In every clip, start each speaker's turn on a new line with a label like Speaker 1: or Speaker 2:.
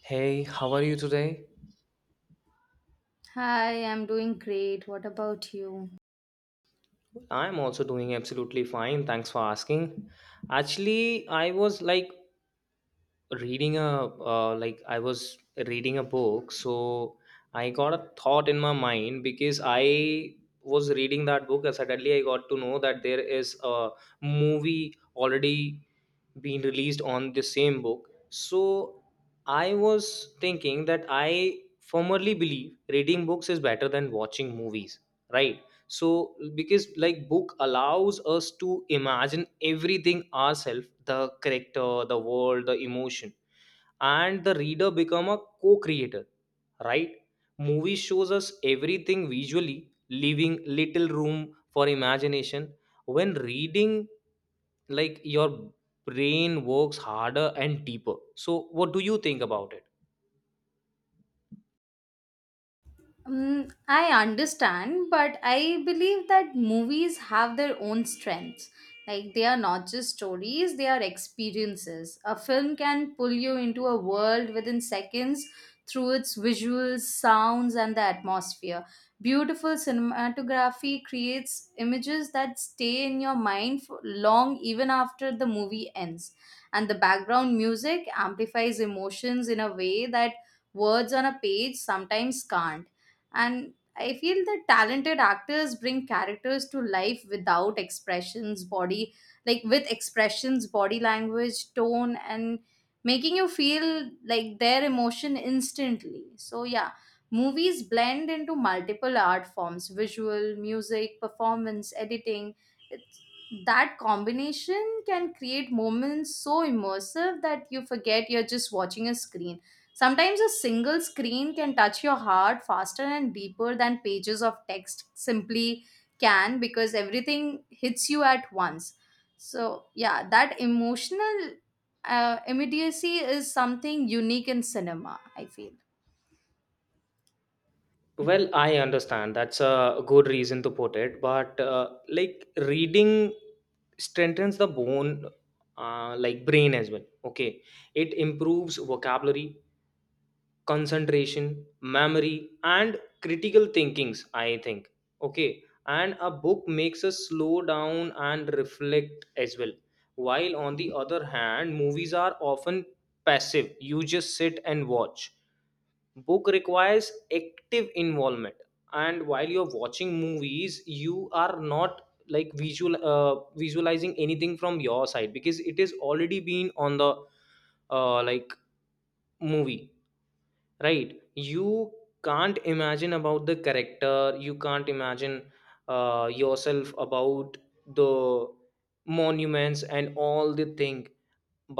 Speaker 1: Hey, how are you today?
Speaker 2: Hi, I'm doing great. What about you?
Speaker 1: I'm also doing absolutely fine. Thanks for asking. Actually, I was like reading a like I was reading a book, so I got a thought in my mind because I was reading that book and suddenly I got to know that there is a movie already being released on the same book. So I was thinking that I firmly believe reading books is better than watching movies, right? So because like book allows us to imagine everything ourselves, the character, the world, the emotion, and the reader become a co-creator, right? Movie shows us everything visually, leaving little room for imagination. When reading, like your brain works harder and deeper. So what do you think about it?
Speaker 2: Mm, I understand, but I believe that movies have their own strengths. Like, they are not just stories, they are experiences. A film can pull you into a world within seconds through its visuals, sounds, and the atmosphere. Beautiful cinematography creates images that stay in your mind for long even after the movie ends. And the background music amplifies emotions in a way that words on a page sometimes can't. And I feel that talented actors bring characters to life without expressions body like with expressions, body language, tone, and making you feel like their emotion instantly. So yeah, movies blend into multiple art forms: visual, music, performance, editing. it's, that combination can create moments so immersive that you forget you're just watching a screen. Sometimes a single screen can touch your heart faster and deeper than pages of text simply can, because everything hits you at once. So, yeah, that emotional immediacy is something unique in cinema, I feel.
Speaker 1: Well, I understand. That's a good reason to put it. But like reading strengthens the bone, like brain as well. Okay. It improves vocabulary, concentration, memory, and critical thinkings, I think. Okay. And a book makes us slow down and reflect as well. While on the other hand, movies are often passive. You just sit and watch. Book requires active involvement, and while you're watching movies you are not like visual visualizing anything from your side because it is already been on the uh, like movie, right? You can't imagine about the character, you can't imagine yourself about the monuments and all the thing.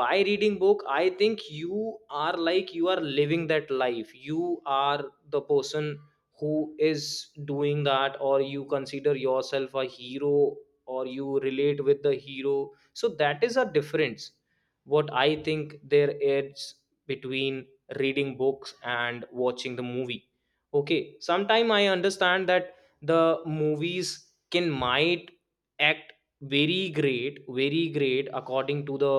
Speaker 1: By reading book, I think you are like you are living that life, you are the person who is doing that, or you consider yourself a hero, or you relate with the hero. So that is a difference what I think there is between reading books and watching the movie. Okay, sometime I understand that the movies can might act very great, very great according to the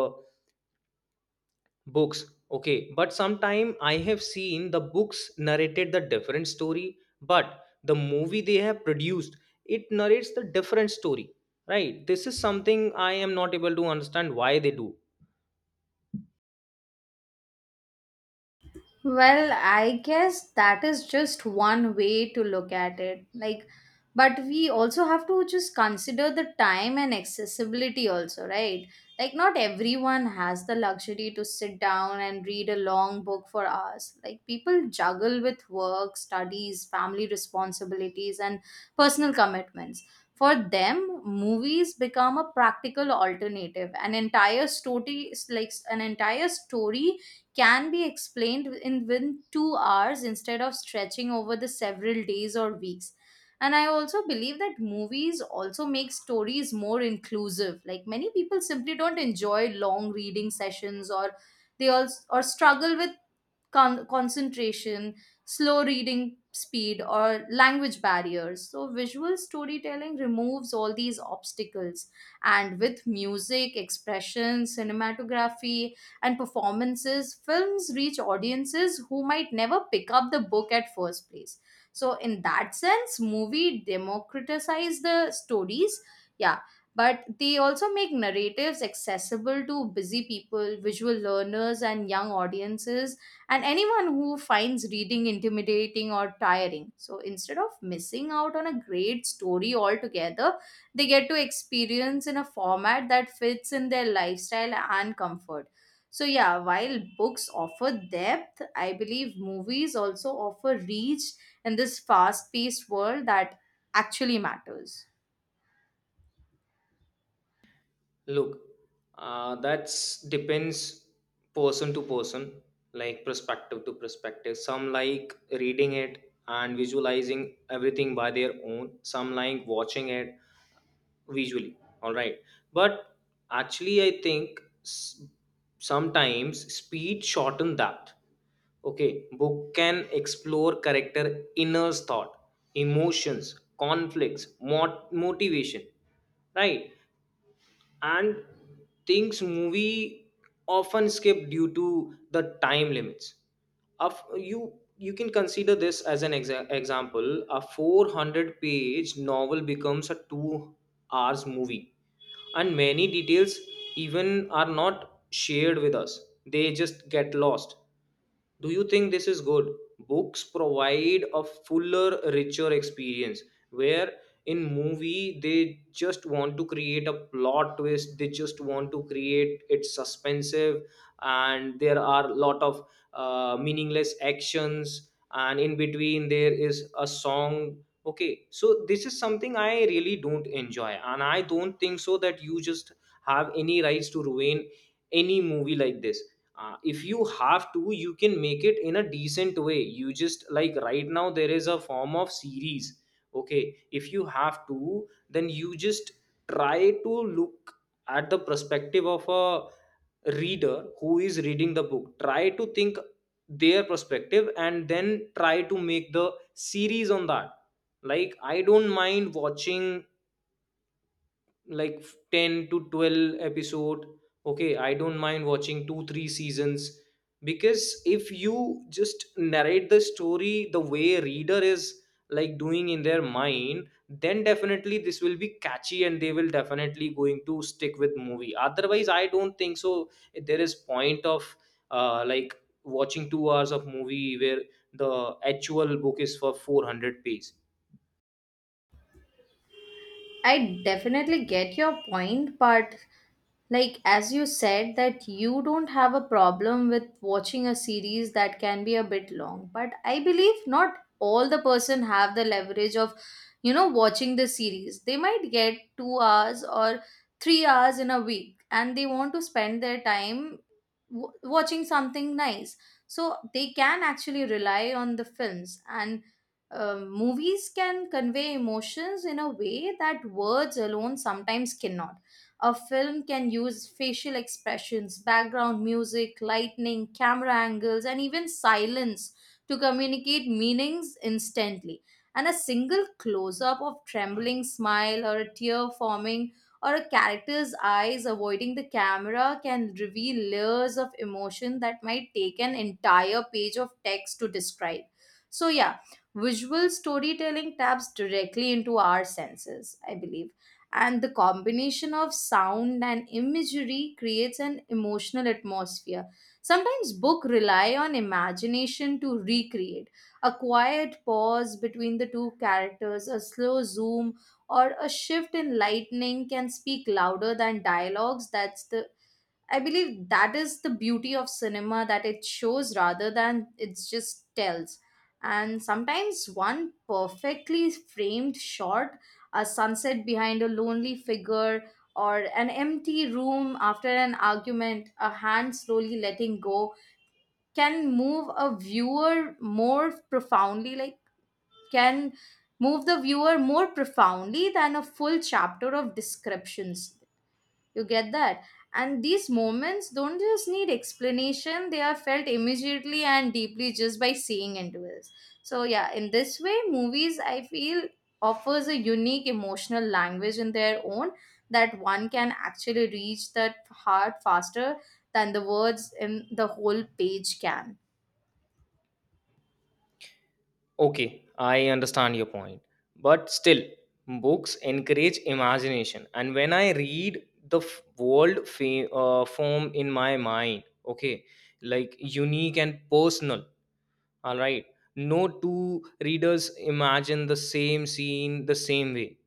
Speaker 1: books, okay. But sometime I have seen the books narrated the different story, but the movie they have produced, it narrates the different story, right? This is something I am not able to understand why they do.
Speaker 2: Well, I guess that is just one way to look at it. Like, but we also have to just consider the time and accessibility, also, right? Like, not everyone has the luxury to sit down and read a long book for hours. Like, people juggle with work, studies, family responsibilities, and personal commitments. For them, movies become a practical alternative. An entire story can be explained in within 2 hours instead of stretching over the several days or weeks. And I also believe that movies also make stories more inclusive. Like, many people simply don't enjoy long reading sessions or they also or struggle with concentration, slow reading speed, or language barriers. So, visual storytelling removes all these obstacles. And with music, expression, cinematography, and performances, films reach audiences who might never pick up the book at first place. So, in that sense, movie democratize the stories. Yeah, but they also make narratives accessible to busy people, visual learners, and young audiences and anyone who finds reading intimidating or tiring. So instead of missing out on a great story altogether, they get to experience in a format that fits in their lifestyle and comfort. So yeah, while books offer depth, I believe movies also offer reach in this fast-paced world that actually matters.
Speaker 1: Look, that's depends person to person, like perspective to perspective. Some like reading it and visualizing everything by their own. Some like watching it visually. All right. But actually I think sometimes speed shorten that. Okay, book can explore character inner thought, emotions, conflicts, motivation, right? And things movie often skip due to the time limits. Of you, you can consider this as an example, a 400-page novel becomes a 2 hours movie and many details even are not shared with us, they just get lost. Do you think this is good? Books provide a fuller, richer experience, where in movie they just want to create a plot twist, they just want to create it suspensive, and there are lot of meaningless actions, and in between there is a song. Okay, so this is something I really don't enjoy, and I don't think so that you just have any rights to ruin any movie like this. If you have to, you can make it in a decent way. You just like right now there is a form of series. Okay, if you have to, then you just try to look at the perspective of a reader who is reading the book, try to think their perspective, and then try to make the series on that. Like I don't mind watching like 10 to 12 episode, okay, I don't mind watching 2, 3 seasons, because if you just narrate the story the way reader is like doing in their mind, then definitely this will be catchy and they will definitely going to stick with movie. Otherwise I don't think so there is point of uh, like watching 2 hours of movie where the actual book is for 400 pages.
Speaker 2: I definitely get your point, but like, as you said that you don't have a problem with watching a series that can be a bit long, but I believe not all the person have the leverage of, you know, watching the series. They might get 2 hours or 3 hours in a week and they want to spend their time watching something nice, so they can actually rely on the films. And movies can convey emotions in a way that words alone sometimes cannot. A film can use facial expressions, background music, lighting, camera angles, and even silence to communicate meanings instantly. And a single close up of trembling smile or a tear forming or a character's eyes avoiding the camera can reveal layers of emotion that might take an entire page of text to describe. So, yeah, visual storytelling taps directly into our senses, I believe, and the combination of sound and imagery creates an emotional atmosphere. Sometimes book rely on imagination to recreate a quiet pause between the two characters. A slow zoom or a shift in lightning can speak louder than dialogues. That's the I believe that is the beauty of cinema, that it shows rather than it just tells. And sometimes one perfectly framed shot, a sunset behind a lonely figure, or an empty room after an argument, a hand slowly letting go, can move a viewer more profoundly, like can move the viewer more profoundly than a full chapter of descriptions. You get that? And these moments don't just need explanation, they are felt immediately and deeply just by seeing into it. So yeah, in this way, movies I feel offers a unique emotional language in their own that one can actually reach that heart faster than the words in the whole page can.
Speaker 1: Okay, I understand your point. But still, books encourage imagination. And when I read, the world form in my mind, okay, like unique and personal. All right. No two readers imagine the same scene the same way,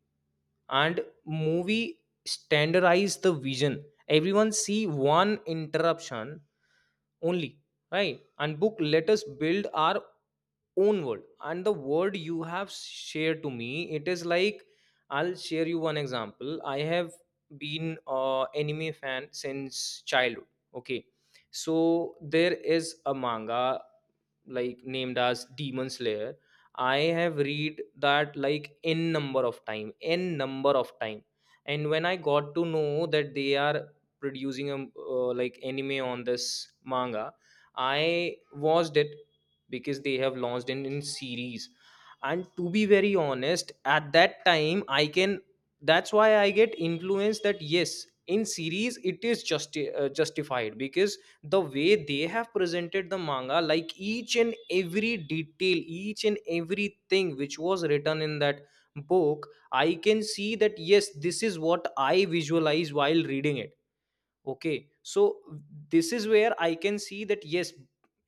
Speaker 1: and movie standardize the vision, everyone see one interruption only, right? And book let us build our own world. And the word you have shared to me, it is like, I'll share you one example. I have been a anime fan since childhood, okay. So there is a manga like named as Demon Slayer. I have read that like n number of time, n number of time. And when I got to know that they are producing a anime on this manga, I watched it because they have launched it in series. And to be very honest, at that time I can, that's why I get influenced that yes, in series it is just justified, because the way they have presented the manga, like each and every detail, each and everything which was written in that book, I can see that yes, this is what I visualized while reading it. Okay, so this is where I can see that yes,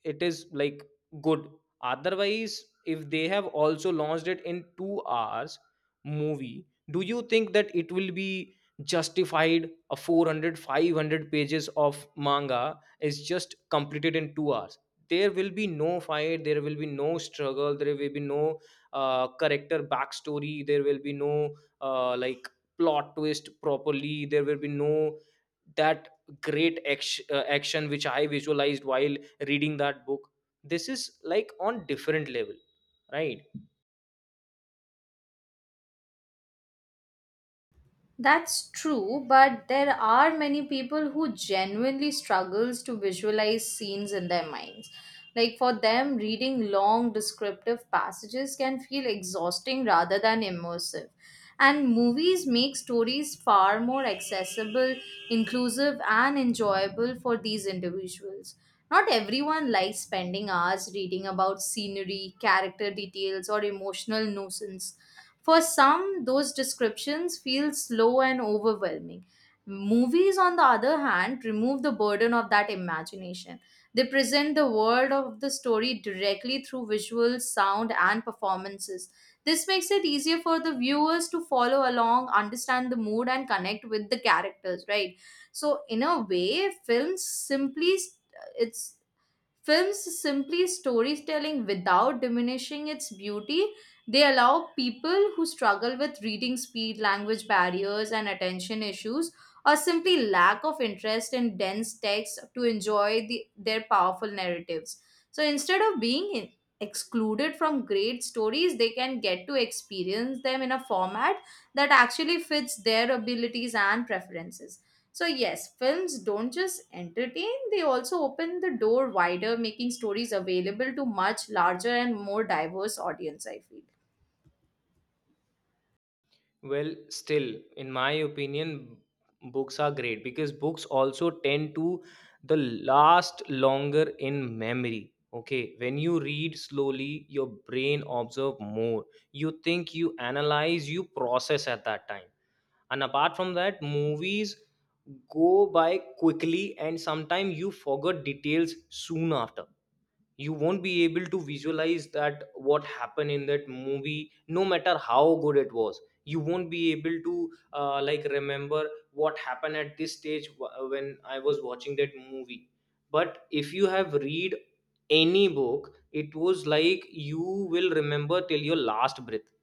Speaker 1: it is like good. Otherwise, if they have also launched it in 2 hours movie, do you think that it will be justified? A 400, 500 pages of manga is just completed in 2 hours? There will be no fight, there will be no struggle, there will be no character backstory, there will be no uh, like plot twist properly, there will be no that great action, action which I visualized while reading that book. This is like on different level, right?
Speaker 2: That's true, but there are many people who genuinely struggles to visualize scenes in their minds. Like, for them, reading long descriptive passages can feel exhausting rather than immersive. And movies make stories far more accessible, inclusive, and enjoyable for these individuals. Not everyone likes spending hours reading about scenery, character details, or emotional nuisance. For some, those descriptions feel slow and overwhelming. Movies, on the other hand, remove the burden of that imagination. They present the world of the story directly through visuals, sound, and performances. This makes it easier for the viewers to follow along, understand the mood, and connect with the characters, right? So, in a way, it's films simply storytelling without diminishing its beauty. They allow people who struggle with reading speed, language barriers, and attention issues, or simply lack of interest in dense text to enjoy the, their powerful narratives. So instead of being excluded from great stories, they can get to experience them in a format that actually fits their abilities and preferences. So, yes, films don't just entertain, they also open the door wider, making stories available to much larger and more diverse audience, I feel.
Speaker 1: Well, still in my opinion, books are great because books also tend to the last longer in memory. Okay, when you read slowly, your brain observe more, you think, you analyze, you process at that time. And apart from that, movies go by quickly and sometimes you forget details soon after. You won't be able to visualize that what happened in that movie, no matter how good it was, you won't be able to remember what happened at this stage when I was watching that movie. But if you have read any book, it was like you will remember till your last breath.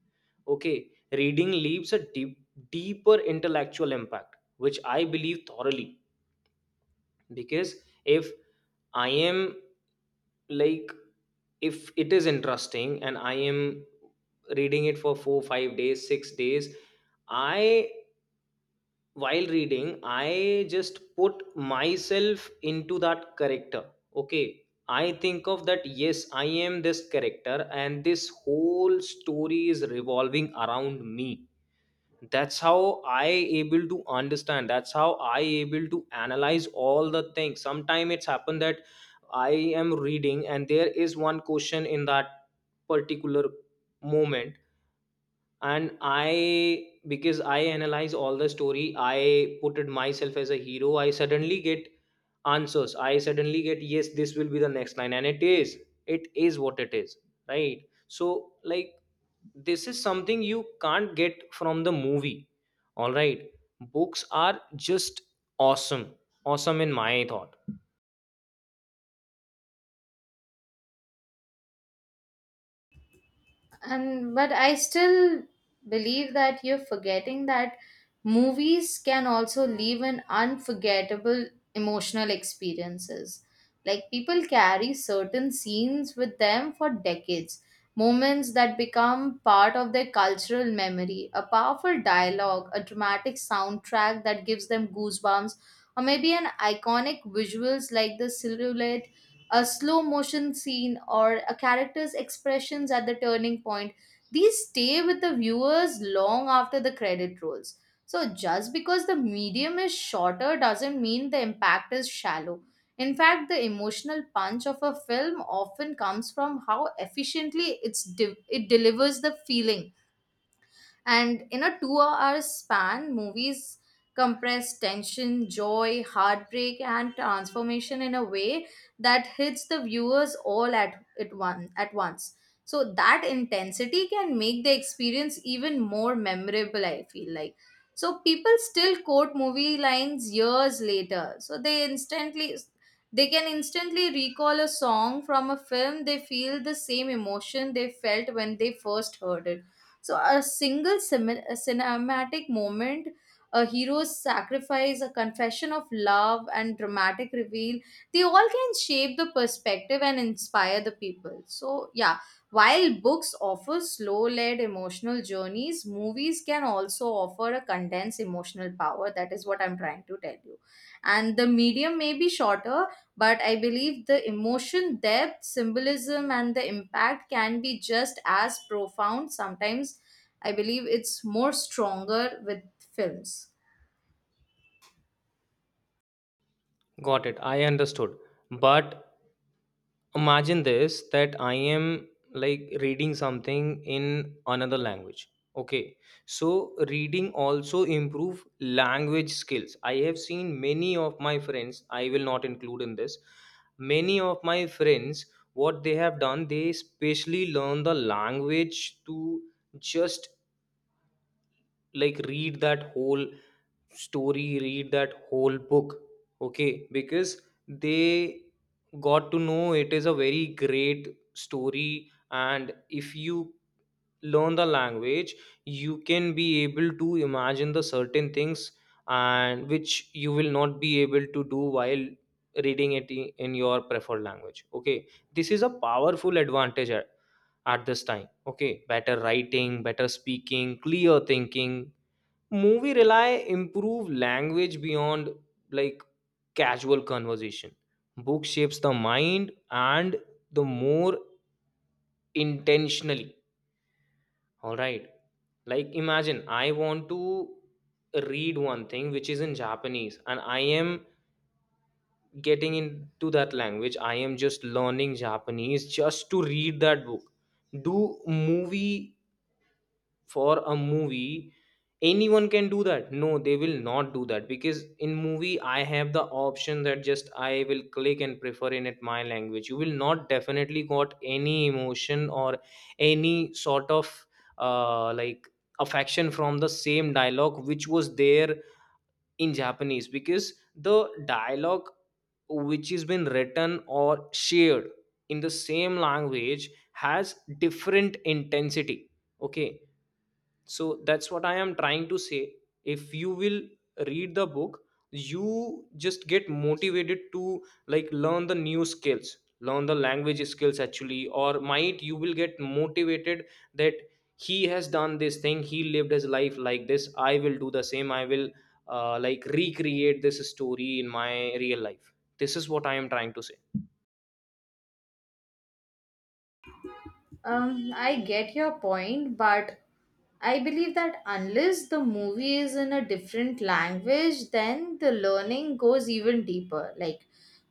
Speaker 1: Okay, reading leaves a deep, deeper intellectual impact, which I believe thoroughly. Because if I am like, if it is interesting and I am reading it for 4, 5 days, 6 days, I, while reading, I just put myself into that character. Okay, I think of that, yes, I am this character, and this whole story is revolving around me. That's how I able to understand, that's how I able to analyze all the things. Sometimes it's happened that I am reading and there is one question in that particular moment, and I, because I analyze all the story, I put it myself as a hero, I suddenly get answers, I suddenly get yes, this will be the next line, and it is, it is what it is, right? So like this is something you can't get from the movie. All right, books are just awesome, awesome in my thought.
Speaker 2: And But I still believe that you're forgetting that movies can also leave an unforgettable emotional experiences. Like, people carry certain scenes with them for decades, moments that become part of their cultural memory: a powerful dialogue, a dramatic soundtrack that gives them goosebumps, or maybe an iconic visuals like the silhouette, a slow motion scene, or a character's expressions at the turning point. These stay with the viewers long after the credit rolls. So, just because the medium is shorter doesn't mean the impact is shallow. In fact, the emotional punch of a film often comes from how efficiently it delivers the feeling. And in a 2 hour span, movies compress tension, joy, heartbreak, and transformation in a way that hits the viewers all at, one, at once. So that intensity can make the experience even more memorable, I feel like. So people still quote movie lines years later. They can instantly recall a song from a film. They feel the same emotion they felt when they first heard it. So a single a cinematic moment, a hero's sacrifice, a confession of love, and dramatic reveal, they all can shape the perspective and inspire the people. So yeah, while books offer slow-led emotional journeys, movies can also offer a condensed emotional power. That is what I'm trying to tell you. And the medium may be shorter, but I believe the emotion depth, symbolism, and the impact can be just as profound. Sometimes I believe it's more stronger with films.
Speaker 1: Got it, I understood. But imagine this, that I am like reading something in another language, okay. So reading also improve language skills. I have seen many of my friends, I will not include in this many of my friends, what they have done, they specially learn the language to just like read that whole story, read that whole book. Okay, because they got to know it is a very great story, and if you learn the language, you can be able to imagine the certain things, and which you will not be able to do while reading it in your preferred language. Okay, this is a powerful advantage at this time. Okay, better writing, better speaking, clear thinking. Movie rely improve language beyond like casual conversation. Book shapes the mind and the more intentionally. All right, like imagine I want to read one thing which is in Japanese, and I am getting into that language, I am just learning Japanese just to read that book. Do movie, for a movie, anyone can do that? No, they will not do that, because in movie I have the option that just I will click and prefer in it my language. You will not definitely got any emotion or any sort of uh, like affection from the same dialogue which was there in Japanese, because the dialogue which has been written or shared in the same language has different intensity. Okay, so that's what I am trying to say. If you will read the book, you just get motivated to like learn the new skills, learn the language skills actually, or might you will get motivated that he has done this thing, he lived his life like this, I will do the same, I will recreate this story in my real life. This is what I am trying to say.
Speaker 2: I get your point, but I believe that unless the movie is in a different language, then the learning goes even deeper. Like,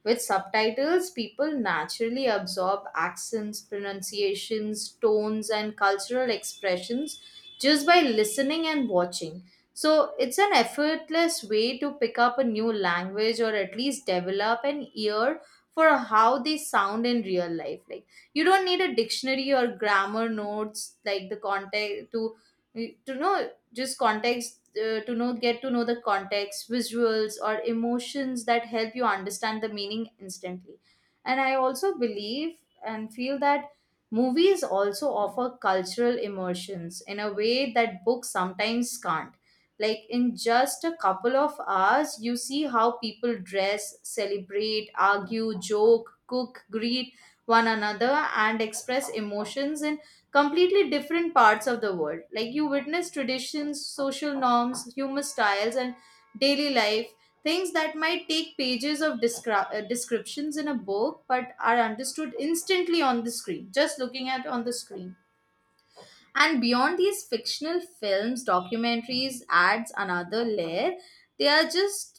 Speaker 2: with subtitles, people naturally absorb accents, pronunciations, tones, and cultural expressions just by listening and watching. So it's an effortless way to pick up a new language or at least develop an ear for how they sound in real life. Like, you don't need a dictionary or grammar notes like the context to know just context to know get to know the context. Visuals or emotions that help you understand the meaning instantly. And I also believe and feel that movies also offer cultural immersions in a way that books sometimes can't. Like, in just a couple of hours you see how people dress, celebrate, argue, joke, cook, greet one another, and express emotions in completely different parts of the world. Like, you witness traditions, social norms, humor styles, and daily life, things that might take pages of descriptions in a book but are understood instantly on the screen, just looking at on the screen. And beyond these fictional films, documentaries adds another layer. They are just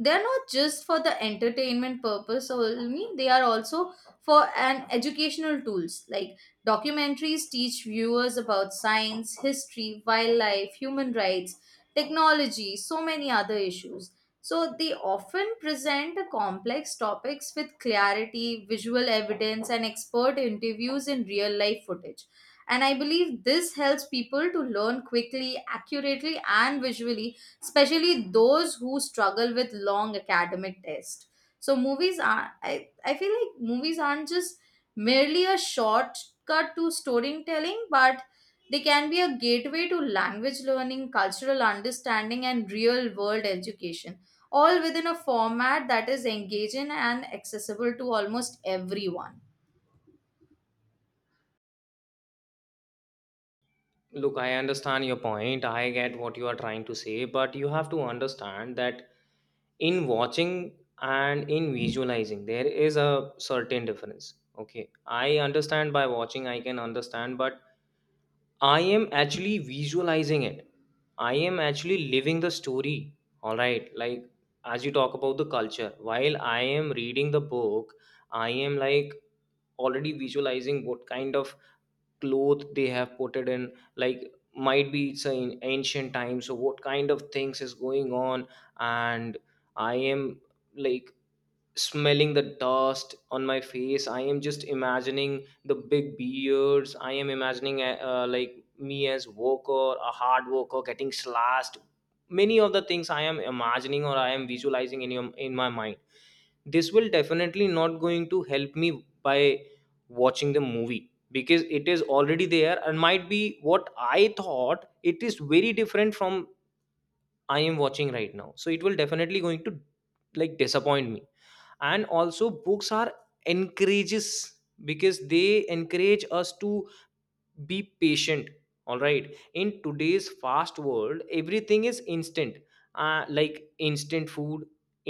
Speaker 2: they're not just for the entertainment purpose only, they are also for an educational tools. Like, documentaries teach viewers about science, history, wildlife, human rights, technology, so many other issues. So they often present the complex topics with clarity, visual evidence, and expert interviews in real life footage. And I believe this helps people to learn quickly, accurately, and visually, especially those who struggle with long academic tests. So I feel like movies aren't just merely a shortcut to storytelling, but they can be a gateway to language learning, cultural understanding, and real world education, all within a format that is engaging and accessible to almost everyone.
Speaker 1: Look, I understand your point, I get what you are trying to say, But you have to understand that in watching and in visualizing there is a certain difference. Okay, I understand by watching I can understand, but I am actually visualizing it. I am actually living the story, all right? Like, as you talk about the culture while I am reading the book, I am like already visualizing what kind of cloth they have put it in, like might be it's in ancient times, so what kind of things is going on. And I am like smelling the dust on my face, I am just imagining the big beards. I am imagining like me as worker, a hard worker getting slashed. Many of the things I am imagining or I am visualizing in in my mind. This will definitely not going to help me by watching the movie, because it is already there and might be what I thought it is very different from I am watching right now, so it will definitely going to like disappoint me. And also books are encourages, because they encourage us to be patient, all right? In today's fast world everything is instant. Like instant food,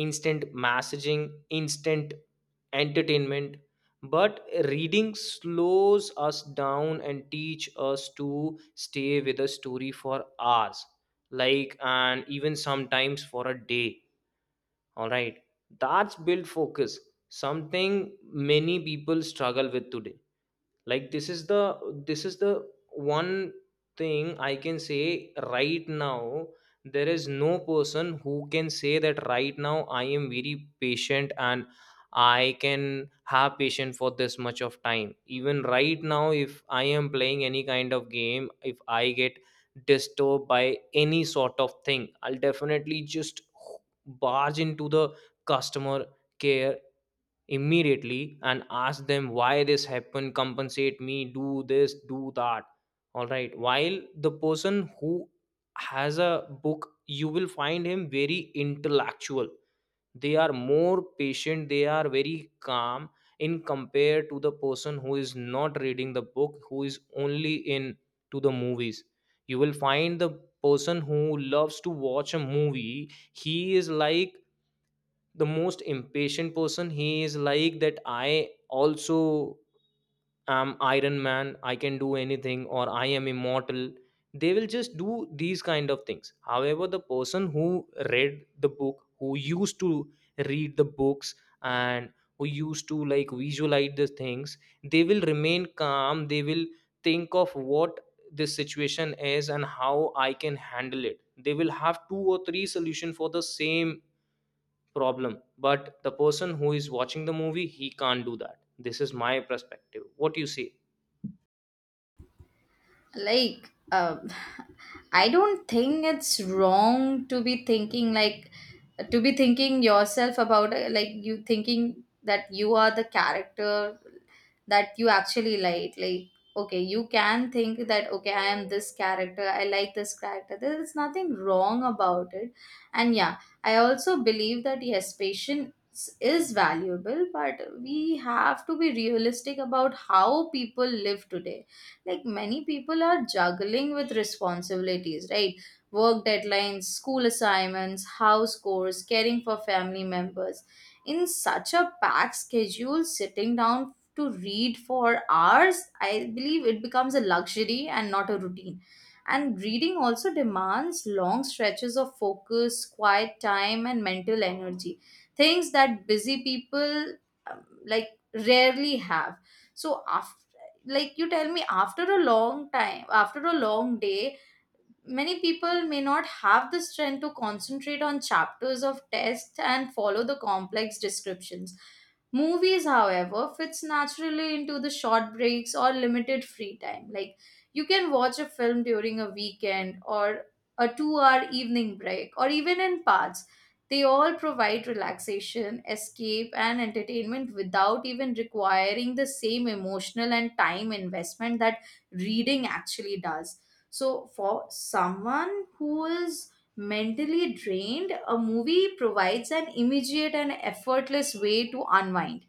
Speaker 1: instant messaging, instant entertainment. But reading slows us down and teach us to stay with a story for hours, like and even sometimes for a day, all right? That's build focus, something many people struggle with today. Like, this is the one thing I can say right now. There is no person who can say that right now I am very patient, and I can have patience for this much of time. Even right now, if I am playing any kind of game, if I get disturbed by any sort of thing, I'll definitely just barge into the customer care immediately and ask them why this happened, compensate me, do this, do that, all right? While the person who has a book, you will find him very intellectual. They are more patient, they are very calm in compared to the person who is not reading the book, who is only in to the movies. You will find the person who loves to watch a movie, he is like the most impatient person. He is like that I also am Iron Man, I can do anything, or I am immortal. They will just do these kind of things. However, the person who read the book, who used to read the books, and who used to like visualize the things, they will remain calm. They will think of what this situation is and how I can handle it. They will have two or three solution for the same problem. But the person who is watching the movie, he can't do that. This is my perspective, what you say?
Speaker 2: Like, uh, I don't think it's wrong to be thinking yourself about like you thinking that you are the character, that you actually okay, you can think that, okay, I am this character, I like this character. There is nothing wrong about it. And yeah, I also believe that yes, patience is valuable, but we have to be realistic about how people live today. Like, many people are juggling with responsibilities, right? Work deadlines, school assignments, house chores, caring for family members. In such a packed schedule, sitting down to read for hours, I believe it becomes a luxury and not a routine. And reading also demands long stretches of focus, quiet time, and mental energy. Things that busy people like rarely have. So after like You tell me, after a long time, after a long day, many people may not have the strength to concentrate on chapters of text and follow the complex descriptions. Movies, however, fits naturally into the short breaks or limited free time. Like, you can watch a film during a weekend or a 2 hour evening break or even in parts. They all provide relaxation, escape, and entertainment without even requiring the same emotional and time investment that reading actually does. So, for someone who is mentally drained, a movie provides an immediate and effortless way to unwind.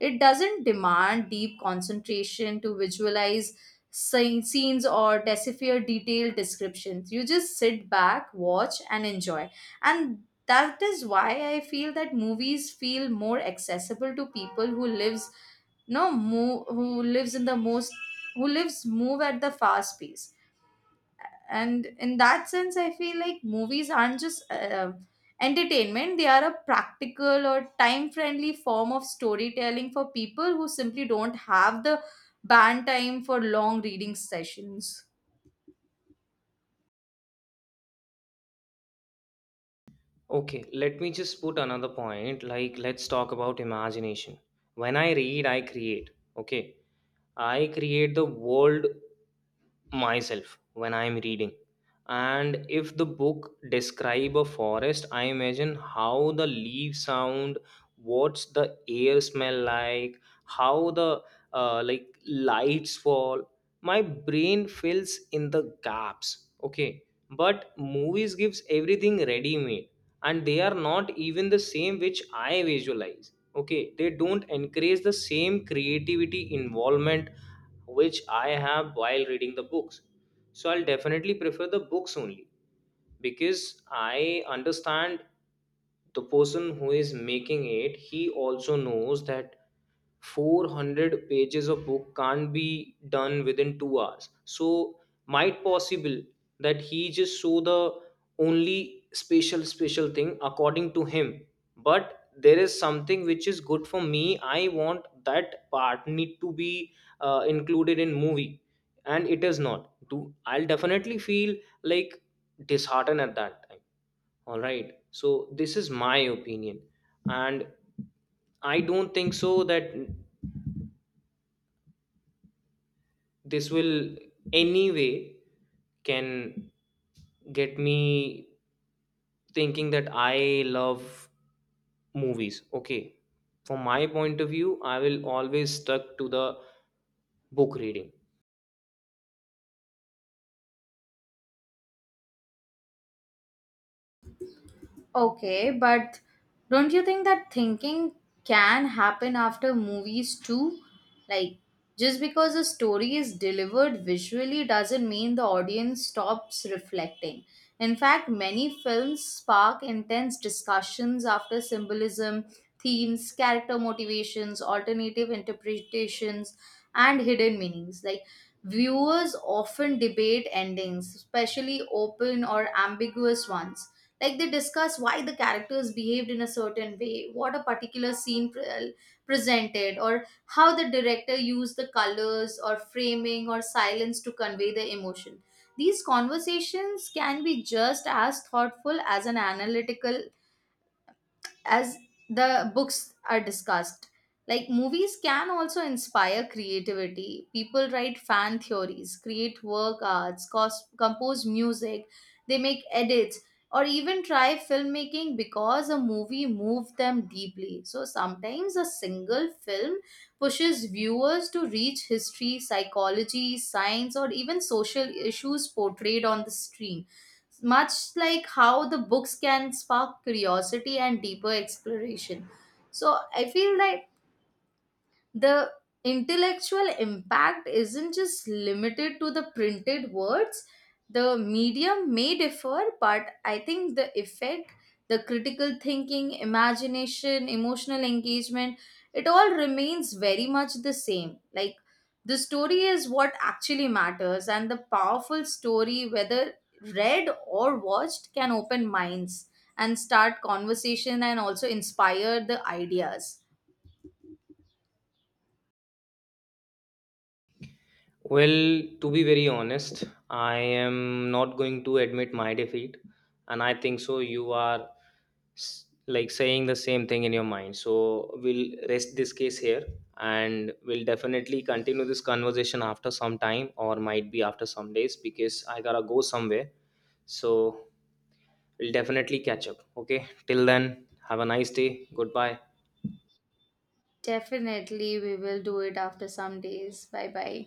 Speaker 2: It doesn't demand deep concentration to visualize scenes or decipher detailed descriptions. You just sit back, watch, and enjoy. And that is why I feel that movies feel more accessible to people who lives no move who lives in the most who lives move at the fast pace. And in that sense, I feel like movies aren't just entertainment, they are a practical or time friendly form of storytelling for people who simply don't have the band time for long reading sessions.
Speaker 1: Okay, let me just put another point. Like, let's talk about imagination. When I read, I create. Okay, I create the world myself when I am reading. And if the book describe a forest, I imagine how the leaves sound, what's the air smell like, how the like lights fall. My brain fills in the gaps, okay? But movies gives everything ready made, and they are not even the same which I visualize. Okay, they don't encourage the same creativity involvement which I have while reading the books. So I'll definitely prefer the books only, because I understand the person who is making it, he also knows that 400 pages of book can't be done within 2 hours. So, might possible that he just saw the only special special thing according to him, but there is something which is good for me. I want that part need to be included in movie, and it is not do, I'll definitely feel like disheartened at that time, all right? So this is my opinion, and I don't think so that this will anyway can get me thinking that I love movies. Okay, from my point of view, I will always stuck to the book reading.
Speaker 2: Okay, but don't you think that thinking can happen after movies too? Like, just because a story is delivered visually doesn't mean the audience stops reflecting. In fact, many films spark intense discussions after symbolism, themes, character motivations, alternative interpretations, and hidden meanings. Like, viewers often debate endings, especially open or ambiguous ones. Like, they discuss why the characters behaved in a certain way, what a particular scene presented, or how the director used the colors or framing or silence to convey the emotion. These conversations can be just as thoughtful as an analytical as the books are discussed. Like, movies can also inspire creativity. People write fan theories, create work arts, compose music, they make edits, or even try filmmaking because a movie moved them deeply. So sometimes a single film pushes viewers to reach history, psychology, science, or even social issues portrayed on the screen, much like how the books can spark curiosity and deeper exploration. So I feel that the intellectual impact isn't just limited to the printed words. The medium may differ, but I think the effect, the critical thinking, imagination, emotional engagement, it all remains very much the same. Like, the story is what actually matters and the powerful story, whether read or watched, can open minds and start conversation and also inspire the ideas.
Speaker 1: Well, to be very honest, I am not going to admit my defeat, and I think so. You are like saying the same thing in your mind. So, we'll rest this case here, and we'll definitely continue this conversation after some time or might be after some days, because I gotta go somewhere. So, we'll definitely catch up. Okay, till then, have a nice day. Goodbye.
Speaker 2: Definitely, we will do it after some days. Bye bye.